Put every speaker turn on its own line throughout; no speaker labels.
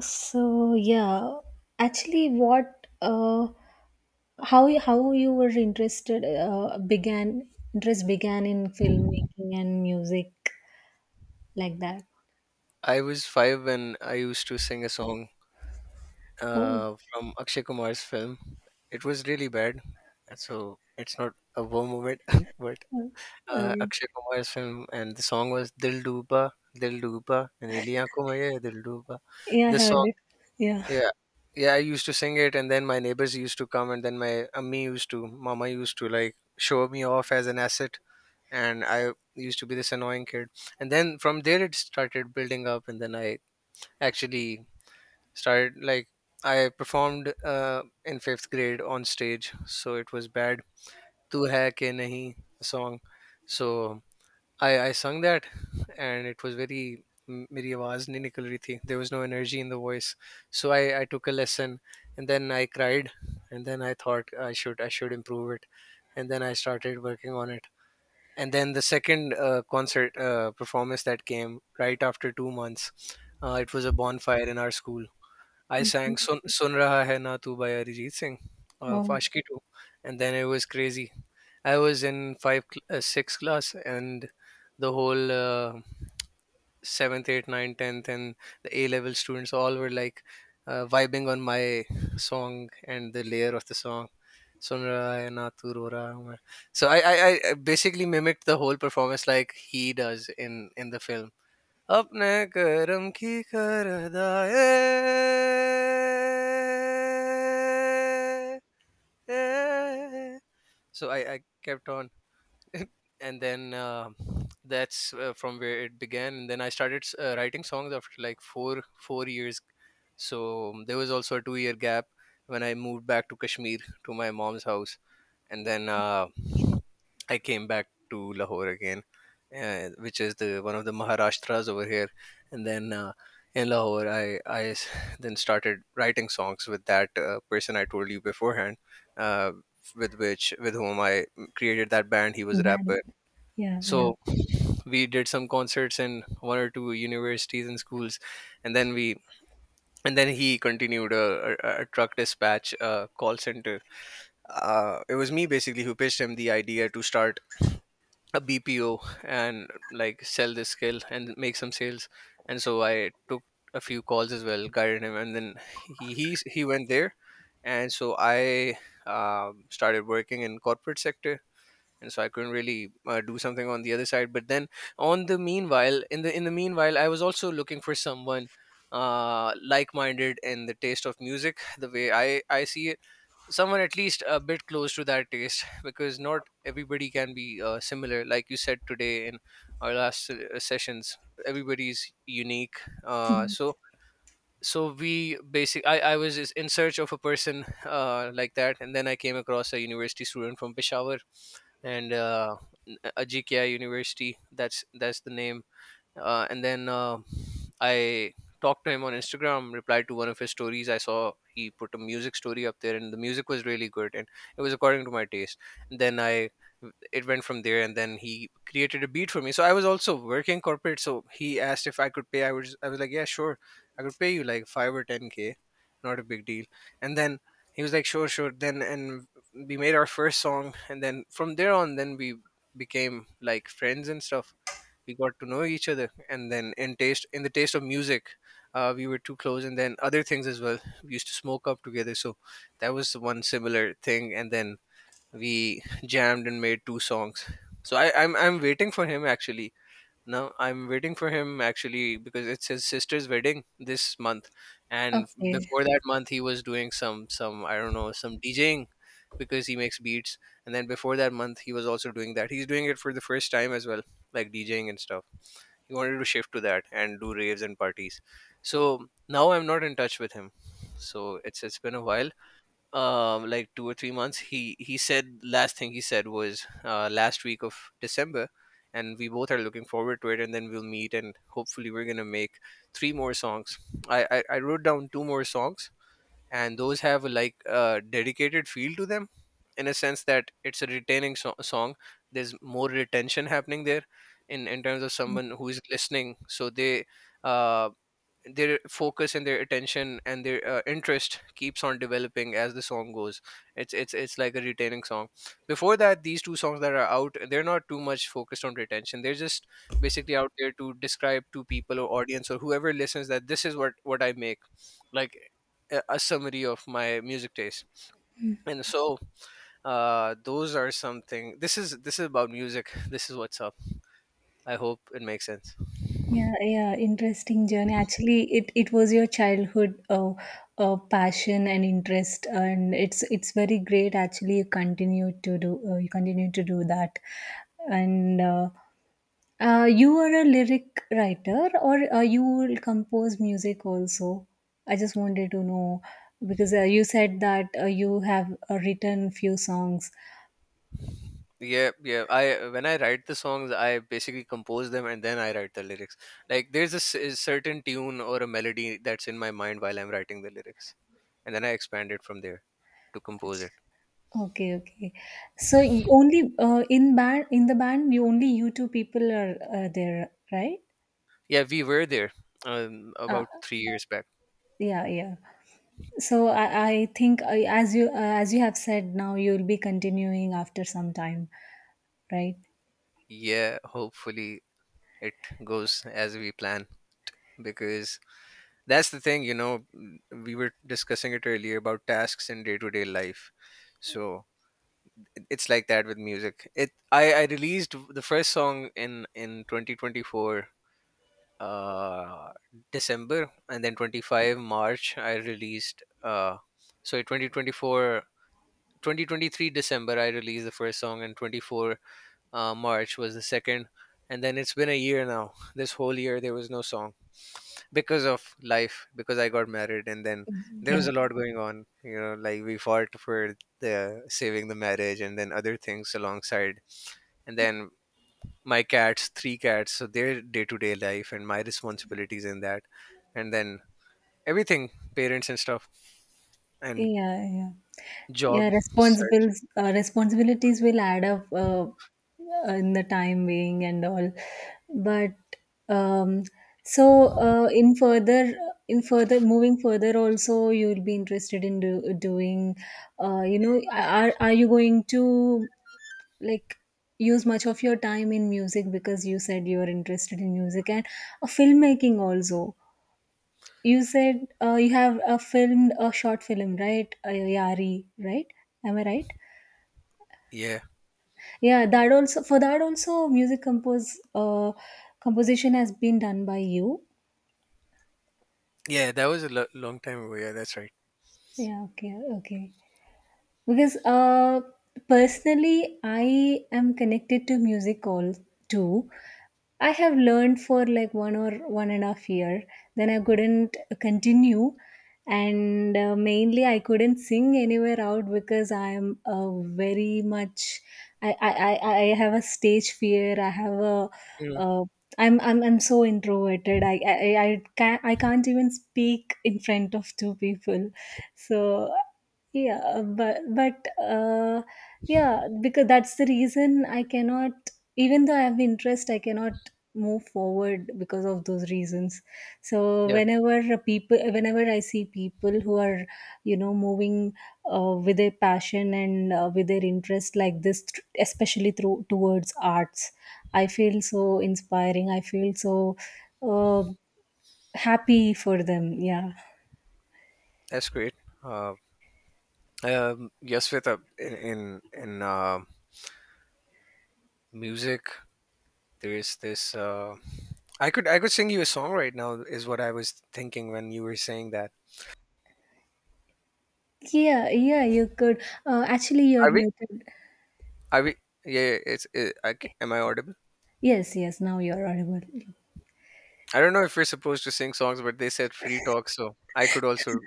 So yeah, actually, what how you were interested began interest began in filmmaking and music like that.
I was five when I used to sing a song
Oh,
from Akshay Kumar's film. It was really bad, so it's not a warm moment. But
okay.
Akshay Kumar's film and the song was "Dil Duba, Dil Duba," and "Iliyan ko Maye Dil Duba."
Yeah, I
This
heard
song,
it. Yeah.
yeah, yeah, I used to sing it, and then my neighbors used to come, and then my ammi used to, mama used to, like, show me off as an asset, and I used to be this annoying kid. And then from there, it started building up, and then I actually started, like, I performed in fifth grade on stage, so it was bad. "Tu Hai Ke Nahi" song, so I sung that, and it was very मेरी आवाज़ नहीं निकल रही थी, there was no energy in the voice. So I took a lesson, and then I cried, and then I thought I should improve it, and then I started working on it. And then the second concert performance that came right after 2 months, it was a bonfire in our school. I sang "Sun Sun Raha Hai Na Tu" by Arijit Singh, Fashki 2, and then it was crazy. I was in five, sixth class, and the whole seventh, eighth, ninth, tenth, and the A level students all were like, vibing on my song and the layer of the song. "Sun Raha Hai Na Tu Ro Raha Hu Main." So I basically mimicked the whole performance like he does in the film. अपने करम की कर अदाए. So I kept on. And then that's from where it began, and then I started writing songs after like four years. So there was also a 2-year gap when I moved back to Kashmir to my mom's house, and then
Okay.
I came back to Lahore again, which is the one of the Maharashtras over here. And then in Lahore, then started writing songs with that person I told you beforehand, uh, with whom I created that band. He was a
Bad.
rapper.
Yeah, yeah.
So we did some concerts in one or two universities and schools, and then he continued a truck dispatch call center. It was me basically who pitched him the idea to start a BPO and like sell this skill and make some sales. And so I took a few calls as well, guided him, and then he went there. And so I, started working in corporate sector, and so I couldn't really do something on the other side. But then on the meanwhile, in the meanwhile, I was also looking for someone like-minded, in the taste of music the way I see it, someone at least a bit close to that taste, because not everybody can be similar, like you said today in our last sessions. Everybody's unique. Uh, so so we basic I in search of a person like that, and then I came across a university student from Peshawar. And Ajikya University, that's the name. And then I talked to him on Instagram, replied to one of his stories. I saw he put a music story up there and the music was really good, and it was according to my taste. And then I it went from there, and then he created a beat for me. So I was also working corporate, so he asked if I could pay. I was like, yeah, sure, I could pay you like 5 or 10K, not a big deal. And then he was like, sure, sure, then. And we made our first song, and then from there on, then we became like friends and stuff. We got to know each other, and then in the taste of music, we were too close. And then other things as well, we used to smoke up together, so that was the one similar thing. And then we jammed and made two songs. So I'm waiting for him, actually. Now I'm waiting for him, actually, because it's his sister's wedding this month. And
Okay.
before that month, he was doing some, I don't know, some DJing, because he makes beats. And then before that month, he was also doing that. He's doing it for the first time as well, like DJing and stuff. He wanted to shift to that and do raves and parties. So now I'm not in touch with him, so it's been a while. Like 2 or 3 months. He said, last thing he said was last week of December. And we both are looking forward to it, and then we'll meet, and hopefully we're gonna make three more songs. I wrote down two more songs, and those have like a dedicated feel to them, in a sense that it's a retaining song. There's more retention happening there, in terms of someone who is listening, so they, uh, their focus and their attention and their interest keeps on developing as the song goes. It's like a retaining song. Before that, these two songs that are out, they're not too much focused on retention. They're just basically out there to describe to people or audience or whoever listens that this is what I make, like a summary of my music taste. And so, those are something. This is about music, this is what's up. I hope it makes sense.
Yeah, yeah, interesting journey. Actually, it was your childhood passion and interest, and it's very great. Actually, you continue to do that, and you are a lyric writer, or you will compose music also. I just wanted to know because you said that you have written few songs.
Yeah, yeah. I, when I write the songs, I basically compose them and then I write the lyrics. Like there's a, a certain tune or a melody that's in my mind while I'm writing the lyrics, and then I expand it from there to compose it.
Okay, okay. So y only in the band you only you two people are there, right?
Yeah, we were there
Uh,
about 3 years back.
yeah, yeah. So I think as you have said now you'll be continuing after some time, right?
Yeah, hopefully it goes as we plan, because that's the thing, you know. We were discussing it earlier about tasks in day to day life. So it's like that with music. It i i released the first song in 2024, uh december, and then 25th march I released, sorry, 2024, 2023 december, I released the first song, and 24th, march was the second. And then it's been a year now. This whole year there was no song, because of life, because I got married. And then there was
Yeah.
a lot going on, you know, like we fought for the saving the marriage, and then other things alongside. And then my cats, three cats, so their day to day life and my responsibilities in that. And then everything, parents and stuff, and
Yeah, yeah. Yeah,
job search.
Responsibilities will add up in the time being and all. But um, so in further moving further also you'll be interested in doing you know, are you going to like use much of your time in music because you said you are interested in music and filmmaking also you said you have a film, a short film, right? Yari, right? Am I right?
Yeah,
Yeah, that also, for that also, music compose composition has been done by you.
yeah, that was a long time ago. Yeah, that's right.
Yeah, okay, okay. Because personally, I am connected to music all too. I have learned for like 1 or 1.5 years. Then I couldn't continue, and mainly I couldn't sing anywhere out because I am very much. I I have a stage fear. I have a.
Mm,
Uh, I'm I'm so introverted. I can't I can't even speak in front of two people. So yeah, but yeah, because that's the reason I cannot, even though I have interest, I cannot move forward because of those reasons. So
yeah,
whenever I see people who are, you know, moving with their passion and with their interest like this, especially through towards arts, I feel so inspiring. I feel so uh, happy for them. Yeah,
that's great. Uh, yes, with in music, there is this. I could sing you a song right now. Is what I was thinking when you were saying that.
yeah, yeah. You could actually, you're
Are we?
muted.
Are we? Yeah, it's. It, I, am I audible?
Yes, yes. Now you're audible.
I don't know if we're supposed to sing songs, but they said free talk, so I could also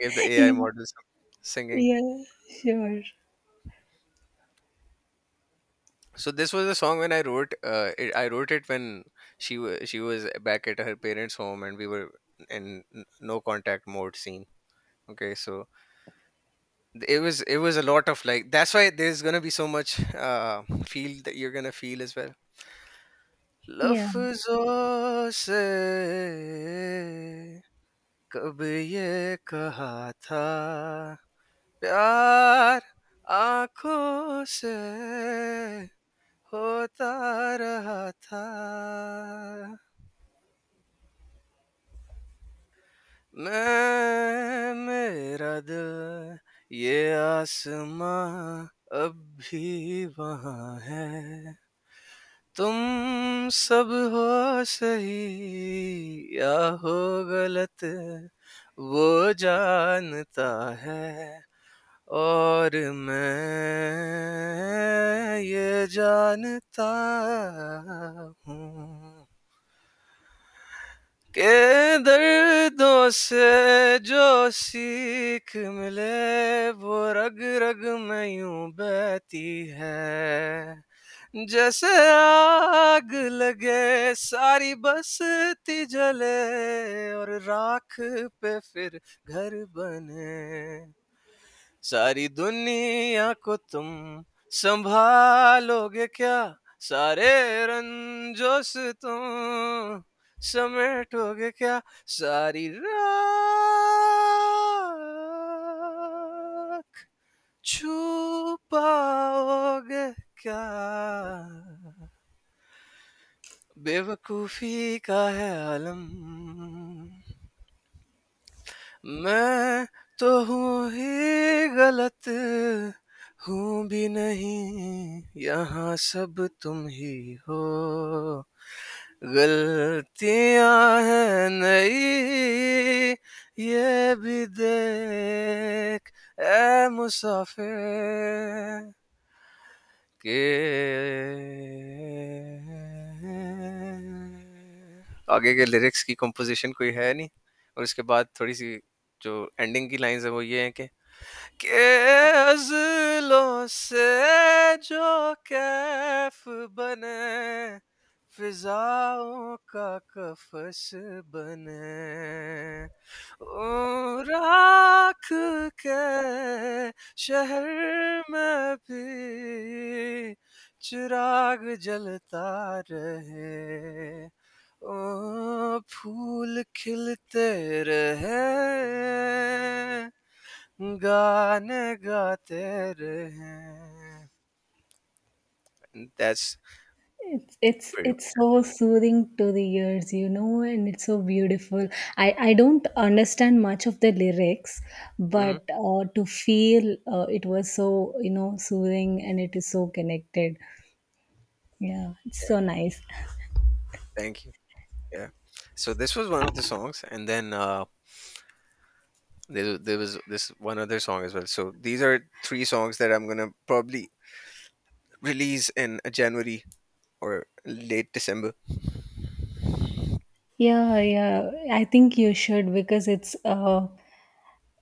give the AI
Yeah,
model some singing.
yeah, sure.
So this was a song when I wrote. It, I wrote it when she was back at her parents' home, and we were in no contact mode scene. Okay, so it was, it was a lot of like. That's why there's gonna be so much feel that you're gonna feel as well.
Yeah,
लफ्जों से कब ये कहा था پیار آنکھوں سے ہوتا رہا تھا میں میرا دل یہ آسمان اب بھی وہاں ہے تم سب ہو سہی یا ہو غلط وہ جانتا ہے اور میں یہ جانتا ہوں کہ دردوں سے جو سیکھ ملے وہ رگ رگ میں یوں بہتی ہے جیسے آگ لگے ساری بستی جلے اور راکھ پہ پھر گھر بنے ساری دنیا کو تم سنبھالو گے کیا سارے رنجو سے تم سمیٹو گے کیا ساری راک چھپاؤ گے کیا بے وقوفی کا ہے عالم میں تو ہوں ہی غلط ہوں بھی نہیں یہاں سب تم ہی ہو غلطیاں ہیں نئی یہ بھی دیکھ اے مسافر کہ آگے کے لیرکس کی کمپوزیشن کوئی ہے نہیں اور اس کے بعد تھوڑی سی جو اینڈنگ کی لائنز ہیں وہ یہ ہیں کہ کہ عضلوں سے جو کیف بنے فضاؤں کا قفس بنے اوں راکھ کے شہر میں بھی چراغ جلتا رہے اوں پھول کھلتے رہے गाने गाते रहे. And that's
it's
pretty
it's
much.
so soothing to the ears, you know, and it's so beautiful. I don't understand much of the lyrics,
Mhm.
but to feel, it was so, you know, soothing, and it is so connected. Yeah, it's
Yeah,
so nice.
thank you. Yeah. So this was one of the songs, and then there was this one other song as well. So these are three songs that I'm gonna probably release in January or late December.
Yeah, yeah. I think you should because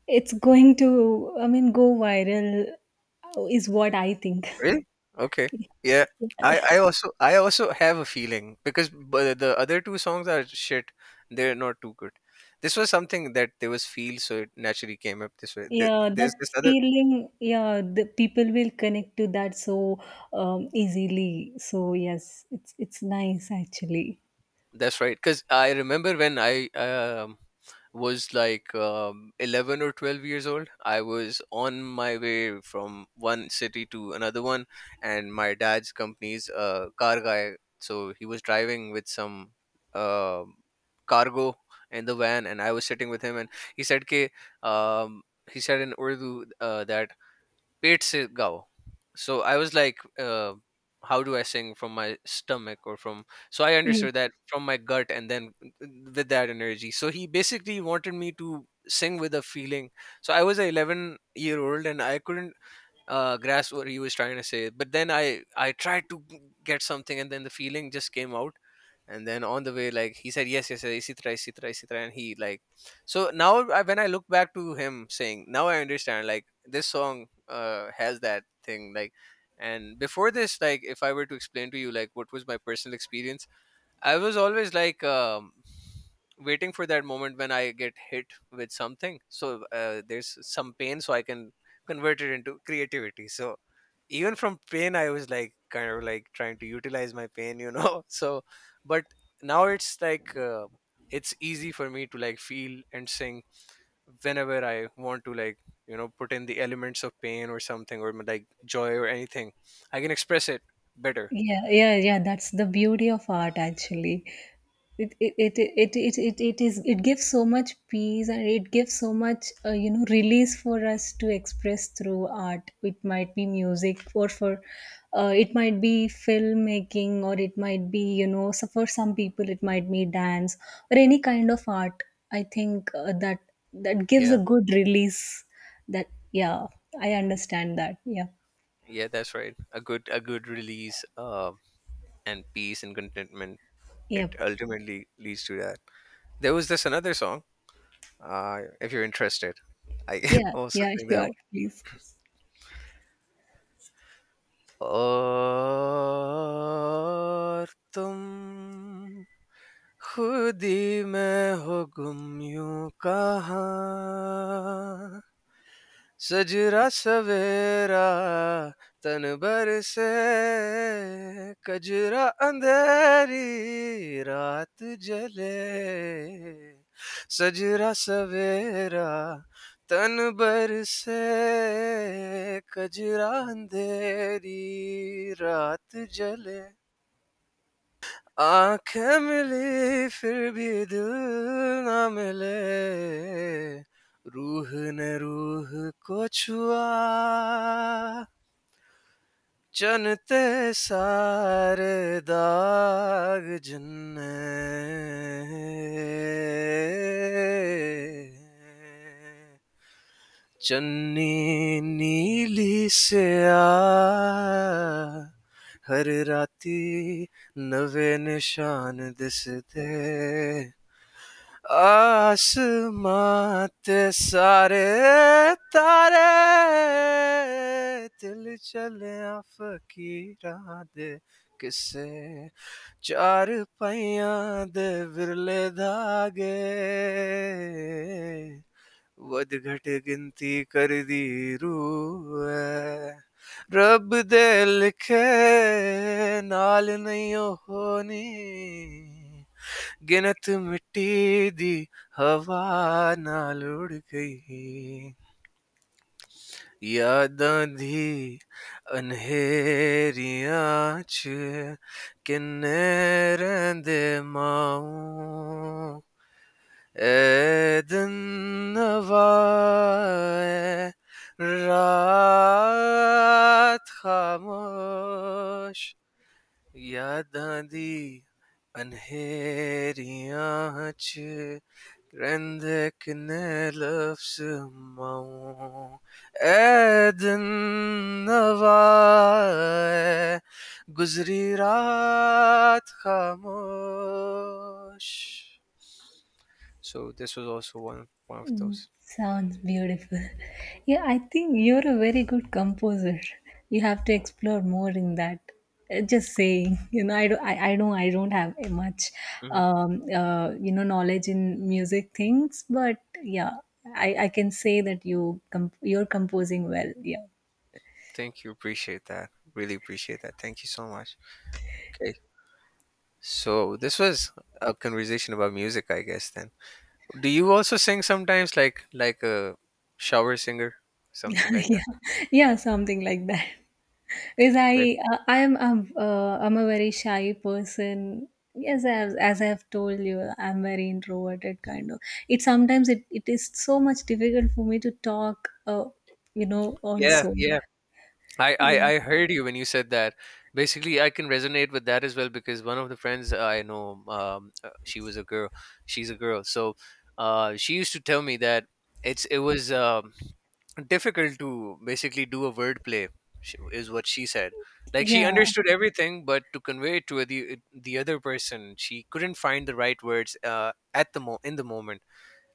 it's going to, I mean, go viral, is what I think.
Really? Okay. Yeah. I also have a feeling because the other two songs are shit. They're not too good. This was something that there was feel, so it naturally came up this way.
Yeah,
There's this
that
other.
feeling, yeah, the people will connect to that so easily. So yes, it's nice actually.
That's right. Because I remember when I was like 11 or 12 years old. I was on my way from one city to another one, and my dad's company's a car guy, so he was driving with some uh, cargo in the van, and I was sitting with him, and he said K, um, he said in Urdu that पेट से गाओ. So I was like, uh, how do I sing from my stomach or from? So I
Yeah.
understood that from my gut, and then with that energy. So he basically wanted me to sing with a feeling. So I was an 11-year old, and I couldn't grasp what he was trying to say. But then I tried to get something, and then the feeling just came out. And then on the way, like he said, yes, yes, yes, isi tarah, isi tarah, isi tarah," and he like. So now I, when I look back to him saying, now I understand. Like this song has that thing. Like, and before this, like if I were to explain to you like what was my personal experience, I was always like waiting for that moment when I get hit with something. So there's some pain, so I can convert it into creativity. So even from pain, I was like kind of like trying to utilize my pain, you know. So, but now it's like it's easy for me to like feel and sing whenever I want to, like you know, put in the elements of pain or something, or like joy or anything. I can express it better.
Yeah, yeah, yeah. That's the beauty of art, actually. It is it gives so much peace and it gives so much you know, release for us to express through art. It might be music or for it might be filmmaking or it might be, you know, so for some people it might be dance or any kind of art. I think that gives
Yeah.
a good release. That, yeah, I understand that. Yeah,
Yeah, that's right. A good, a good release and peace and contentment.
yeah,
It ultimately leads to that. There was this another song. If you're interested, I can
yeah,
also
yeah.
sing that.
Sure, please.
اور تم خود ہی میں ہو گم یوں کہاں سجرا سویرا تنبر سے کجرا اندھیری رات جلے سجرا سویرا تن بر سے کجرا اندھیری رات جلے آنکھیں ملی پھر بھی دل نہ ملے روح نے روح کو چھوا چنتے سارے داغ جن نے چننی نیلی سے آ ہر راتی نوے نشان دسدے آسمان تے سارے تارے دل چلیاں فقیراں دے کسے چار پائیاں دے ورلے دھاگے ਵਧਘਟ ਗਿਣਤੀ ਕਰਦੀ ਰੂਹ ਐ ਰੱਬ ਦੇ ਲਿਖੇ ਨਾਲ ਨਹੀਂ ਉਹ ਹੋਣੀ ਗਿਣਤ ਮਿੱਟੀ ਦੀ ਹਵਾ ਨਾਲ ਉੜ ਗਈ ਯਾਦਾਂ ਦੀ ਅਨਹੇਰੀਆਂ ਚ ਕਿੰਨੇ ਰਹਿੰਦੇ ਮਾਊ Eden var, rüyat kalmış. Yadı di, anhe di ahaç. Kendi kendi laf sımağım. Eden var, güzeryat kalmış. So this was also one of those.
Sounds beautiful. Yeah, I think you're a very good composer. You have to explore more in that. Just saying, you know, I don't have a much,
Hmm.
you know, knowledge in music things, but yeah, I can say that you're composing well. Yeah,
Thank you. Appreciate that. Really appreciate that. Thank you so much. Okay. So this was a conversation about music, I guess. Then, do you also sing sometimes, like a shower singer, something like
yeah,
that?
yeah, something like that. Is
Right?
I am I'm a very shy person. Yes, as I have told you, I'm very introverted kind of. It sometimes it, it is so much difficult for me to talk. You know,
Yeah,
also,
yeah. I, I
yeah,
I heard you when you said that. Basically, I can resonate with that as well because one of the friends I know, she was a girl. She's a girl, so she used to tell me that it's it was. Difficult to basically do a word play, is what she said. Like she
yeah,
understood everything, but to convey it to the other person, she couldn't find the right words at the mo in the moment,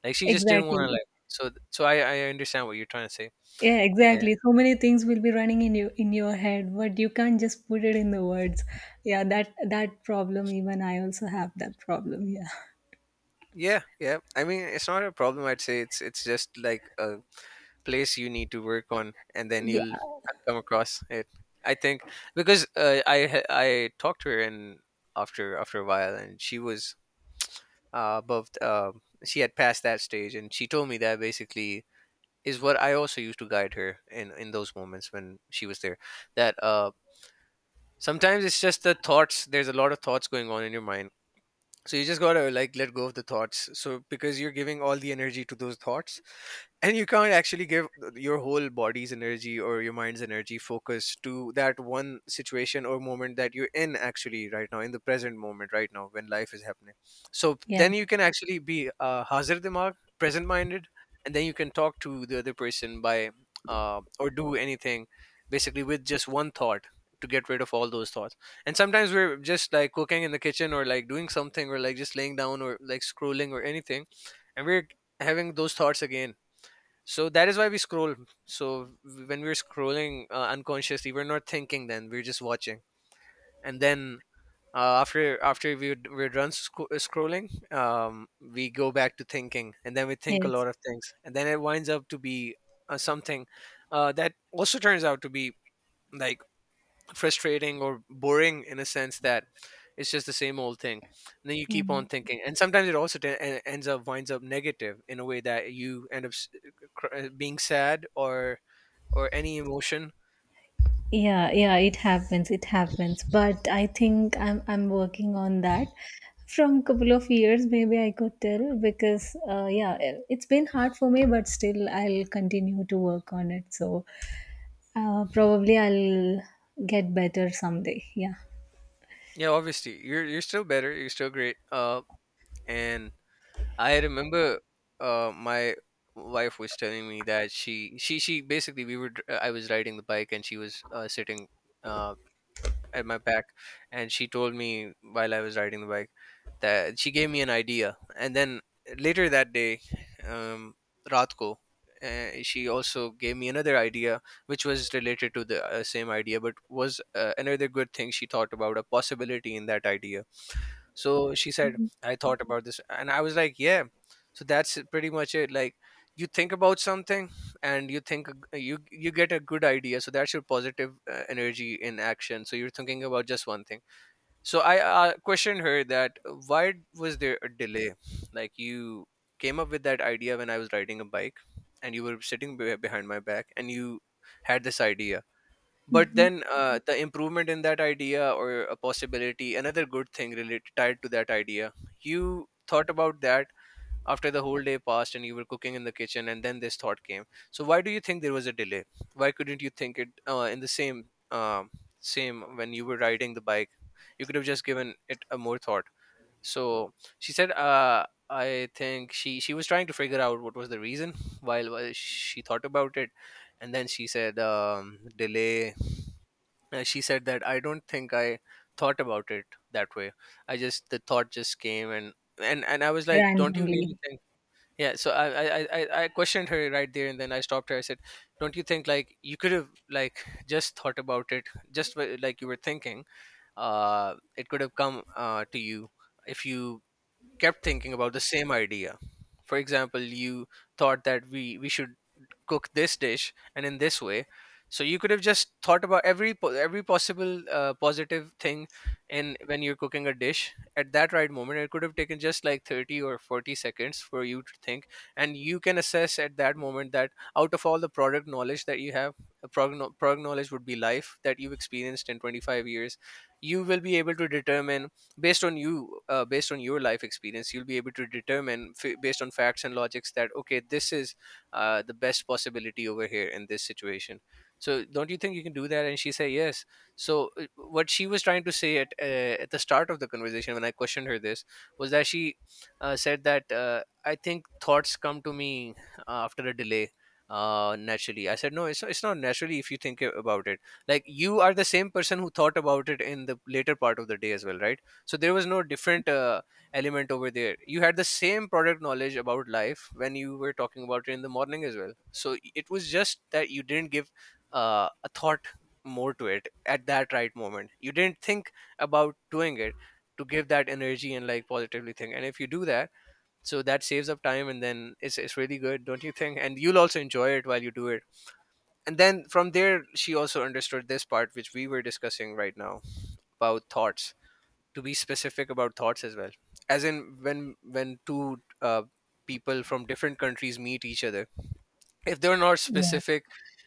like she just didn't want to,
exactly,
like. So so I understand what you're trying to say.
yeah,
And
exactly. So many things will be running in your head, but you can't just put it in the words. Yeah, that that problem. Even I also have that problem. Yeah,
yeah, yeah, I mean, it's not a problem. I'd say it's just like a place you need to work on, and then
yeah,
you'll come across it, I think. Because I talked to her, and after a while, and she was above she had passed that stage, and she told me that basically is what I also used to guide her in those moments when she was there. That uh, sometimes it's just the thoughts. There's a lot of thoughts going on in your mind, so you just gotta like let go of the thoughts. So because you're giving all the energy to those thoughts, and you can't actually give your whole body's energy or your mind's energy focus to that one situation or moment that you're in actually right now in the present moment, right now when life is happening. So
yeah,
then you can actually be hazir dimag, present minded, and then you can talk to the other person by or do anything, basically with just one thought, to get rid of all those thoughts. And sometimes we're just like cooking in the kitchen, or like doing something, or like just laying down, or like scrolling, or anything, and we're having those thoughts again. So that is why we scroll. So when we're scrolling, unconsciously, we're not thinking, then we're just watching. And then after we're done scrolling, we go back to thinking, and then we think a
yes,
lot of things, and then it winds up to be something that also turns out to be like frustrating or boring in a sense that it's just the same old thing. And then you keep on
yeah.
thinking, and sometimes it also ends up, winds up negative in a way that you end up being sad, or any emotion.
Yeah, yeah, it happens. It happens. But I think I'm working on that. From couple of years, maybe I could tell because yeah, it's been hard for me, but still I'll continue to work on it. So probably I'll get better someday. Yeah,
Yeah, obviously you're still better. You're still great. And I remember uh, my wife was telling me that she basically I was riding the bike, and she was sitting uh, at my back, and she told me while I was riding the bike that she gave me an idea. And then later that day, um, Ratko, she also gave me another idea, which was related to the same idea, but was another good thing. She thought about a possibility in that idea. So she said, I thought about this. And I was like, yeah. So that's pretty much it. Like you think about something, and you think you you get a good idea. So that's your positive energy in action. So you're thinking about just one thing. So I questioned her that why was there a delay? Like you came up with that idea when I was riding a bike, and you were sitting behind my back, and you had this idea, but then. Mhm. Uh, the improvement in that idea, or a possibility, another good thing related, tied to that idea, you thought about that after the whole day passed, and you were cooking in the kitchen, and then this thought came. So why do you think there was a delay? Why couldn't you think it in the same, um, same when you were riding the bike? You could have just given it a more thought. So she said, I think, she was trying to figure out what was the reason while she thought about it. And then she said, delay, she said that I don't think I thought about it that way. I just, the thought just came. And and I was like, don't you
randomly.
really think? Yeah, so I questioned her right there, and then I stopped her. I said, don't you think like you could have like just thought about it just like you were thinking, uh, it could have come uh, to you if you kept thinking about the same idea. For example, you thought that we should cook this dish, and in this way. So you could have just thought about every every possible positive thing in when you're cooking a dish. At that right moment, it could have taken just like 30 or 40 seconds for you to think. And you can assess at that moment that, out of all the product knowledge that you have, product knowledge would be life that you've experienced in 25 years. You will be able to determine based on you, based on your life experience, you'll be able to determine based on facts and logics that, okay, this is the best possibility over here in this situation. So don't you think you can do that? And she said yes. So what she was trying to say at the start of the conversation when I questioned her this, was that she said that, I think thoughts come to me after a delay naturally. I said, no, it's not naturally. If you think about it, like you are the same person who thought about it in the later part of the day as well, right, so there was no different element over there. You had the same product knowledge about life when you were talking about it in the morning as well, so it was just that you didn't give a thought more to it at that right moment. You didn't think about doing it to give that energy and like positively think, and if you do that, so that saves up time, and then it's really good, don't you think? And you'll also enjoy it while you do it. And then from there she also understood this part which we were discussing right now about thoughts, to be specific about thoughts as well. As in when two people from different countries meet each other, if they're not
Yeah,
specific,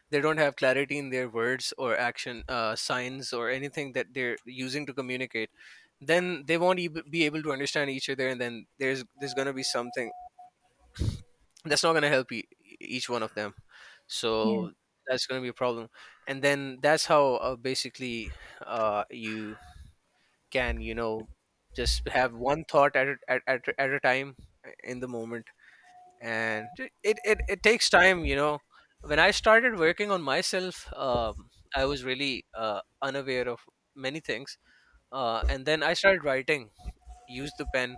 they don't have clarity in their words or action signs or anything that they're using to communicate, then they won't be able to understand each other, and then there's going to be something that's not going to help each one of them,
yeah,
so that's going to be a problem. And then that's how basically you can, just have one thought at a time, in the moment. And it takes time. When I started working on myself, I was really unaware of many things. And then I started writing, used the pen.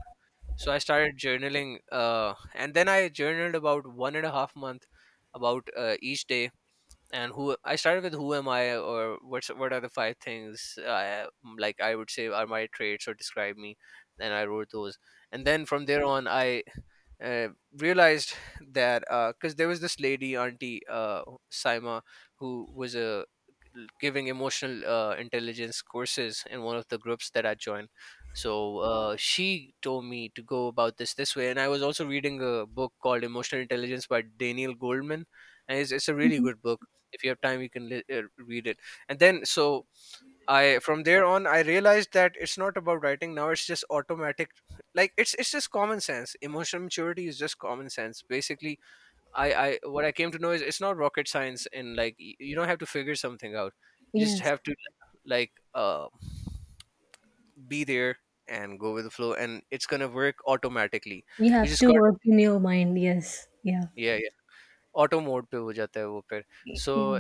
So I started journaling, and then I journaled about 1.5 month, about each day, and who I started with, who am I, or what are the five things, like I would say, are my traits or describe me. Then I wrote those, and then from there on I uh, realized that, because there was this lady auntie, Saima, who was a giving emotional intelligence courses in one of the groups that I joined. So she told me to go about this way, and I was also reading a book called Emotional Intelligence by Daniel Goldman, and it's a really
mhm,
good book. If you have time, you can read it. And then, so I from there on I realized that it's not about writing, now it's just automatic. Like it's just common sense. Emotional maturity is just common sense basically. I, what I came to know is it's not rocket science, and like you don't have to figure something out. You just
yes.
have to, like, be there and go with the flow, and it's gonna work automatically.
You
You
have
just
to
got,
work in your mind. Yes, yeah,
yeah, yeah, auto mode pe ho jata hai wo phir. So
yeah.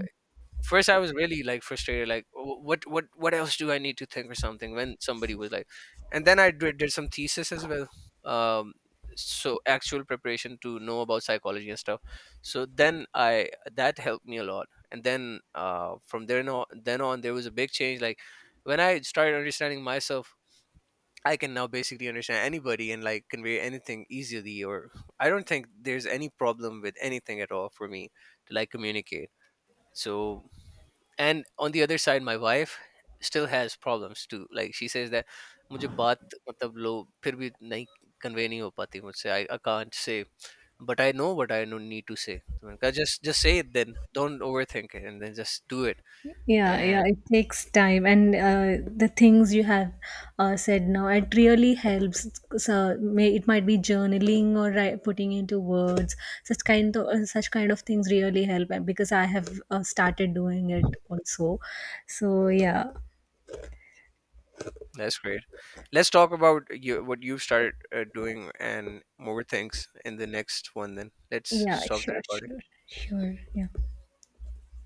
first, I was really like frustrated, like, "What else do I need to think or something," when somebody was like, and then I did some thesis as well, um, so actual preparation to know about psychology and stuff. So then I that helped me a lot, and then from there on then on there was a big change. Like, when I started understanding myself, I can now basically understand anybody and like convey anything easily. Or I don't think there's any problem with anything at all for me to, like, communicate. So, and on the other side my wife still has problems too, like she says that मुझे बात मतलब लो, फिर भी नहीं convey नहीं हो पाती मुझसे. I can't say, but I know what I need to say, तो मैंने कहा, just say it then, don't overthink it and then just do it.
Yeah, yeah,
And
it takes time, and the things you have said now, it really helps. So it might be journaling or putting into words. Such kind of things really help, and because I have started doing it also. So yeah,
that's great. Let's talk about you, what you've started doing and more things in the next one, then let's
yeah,
stop the
sure,
recording.
sure, sure, yeah.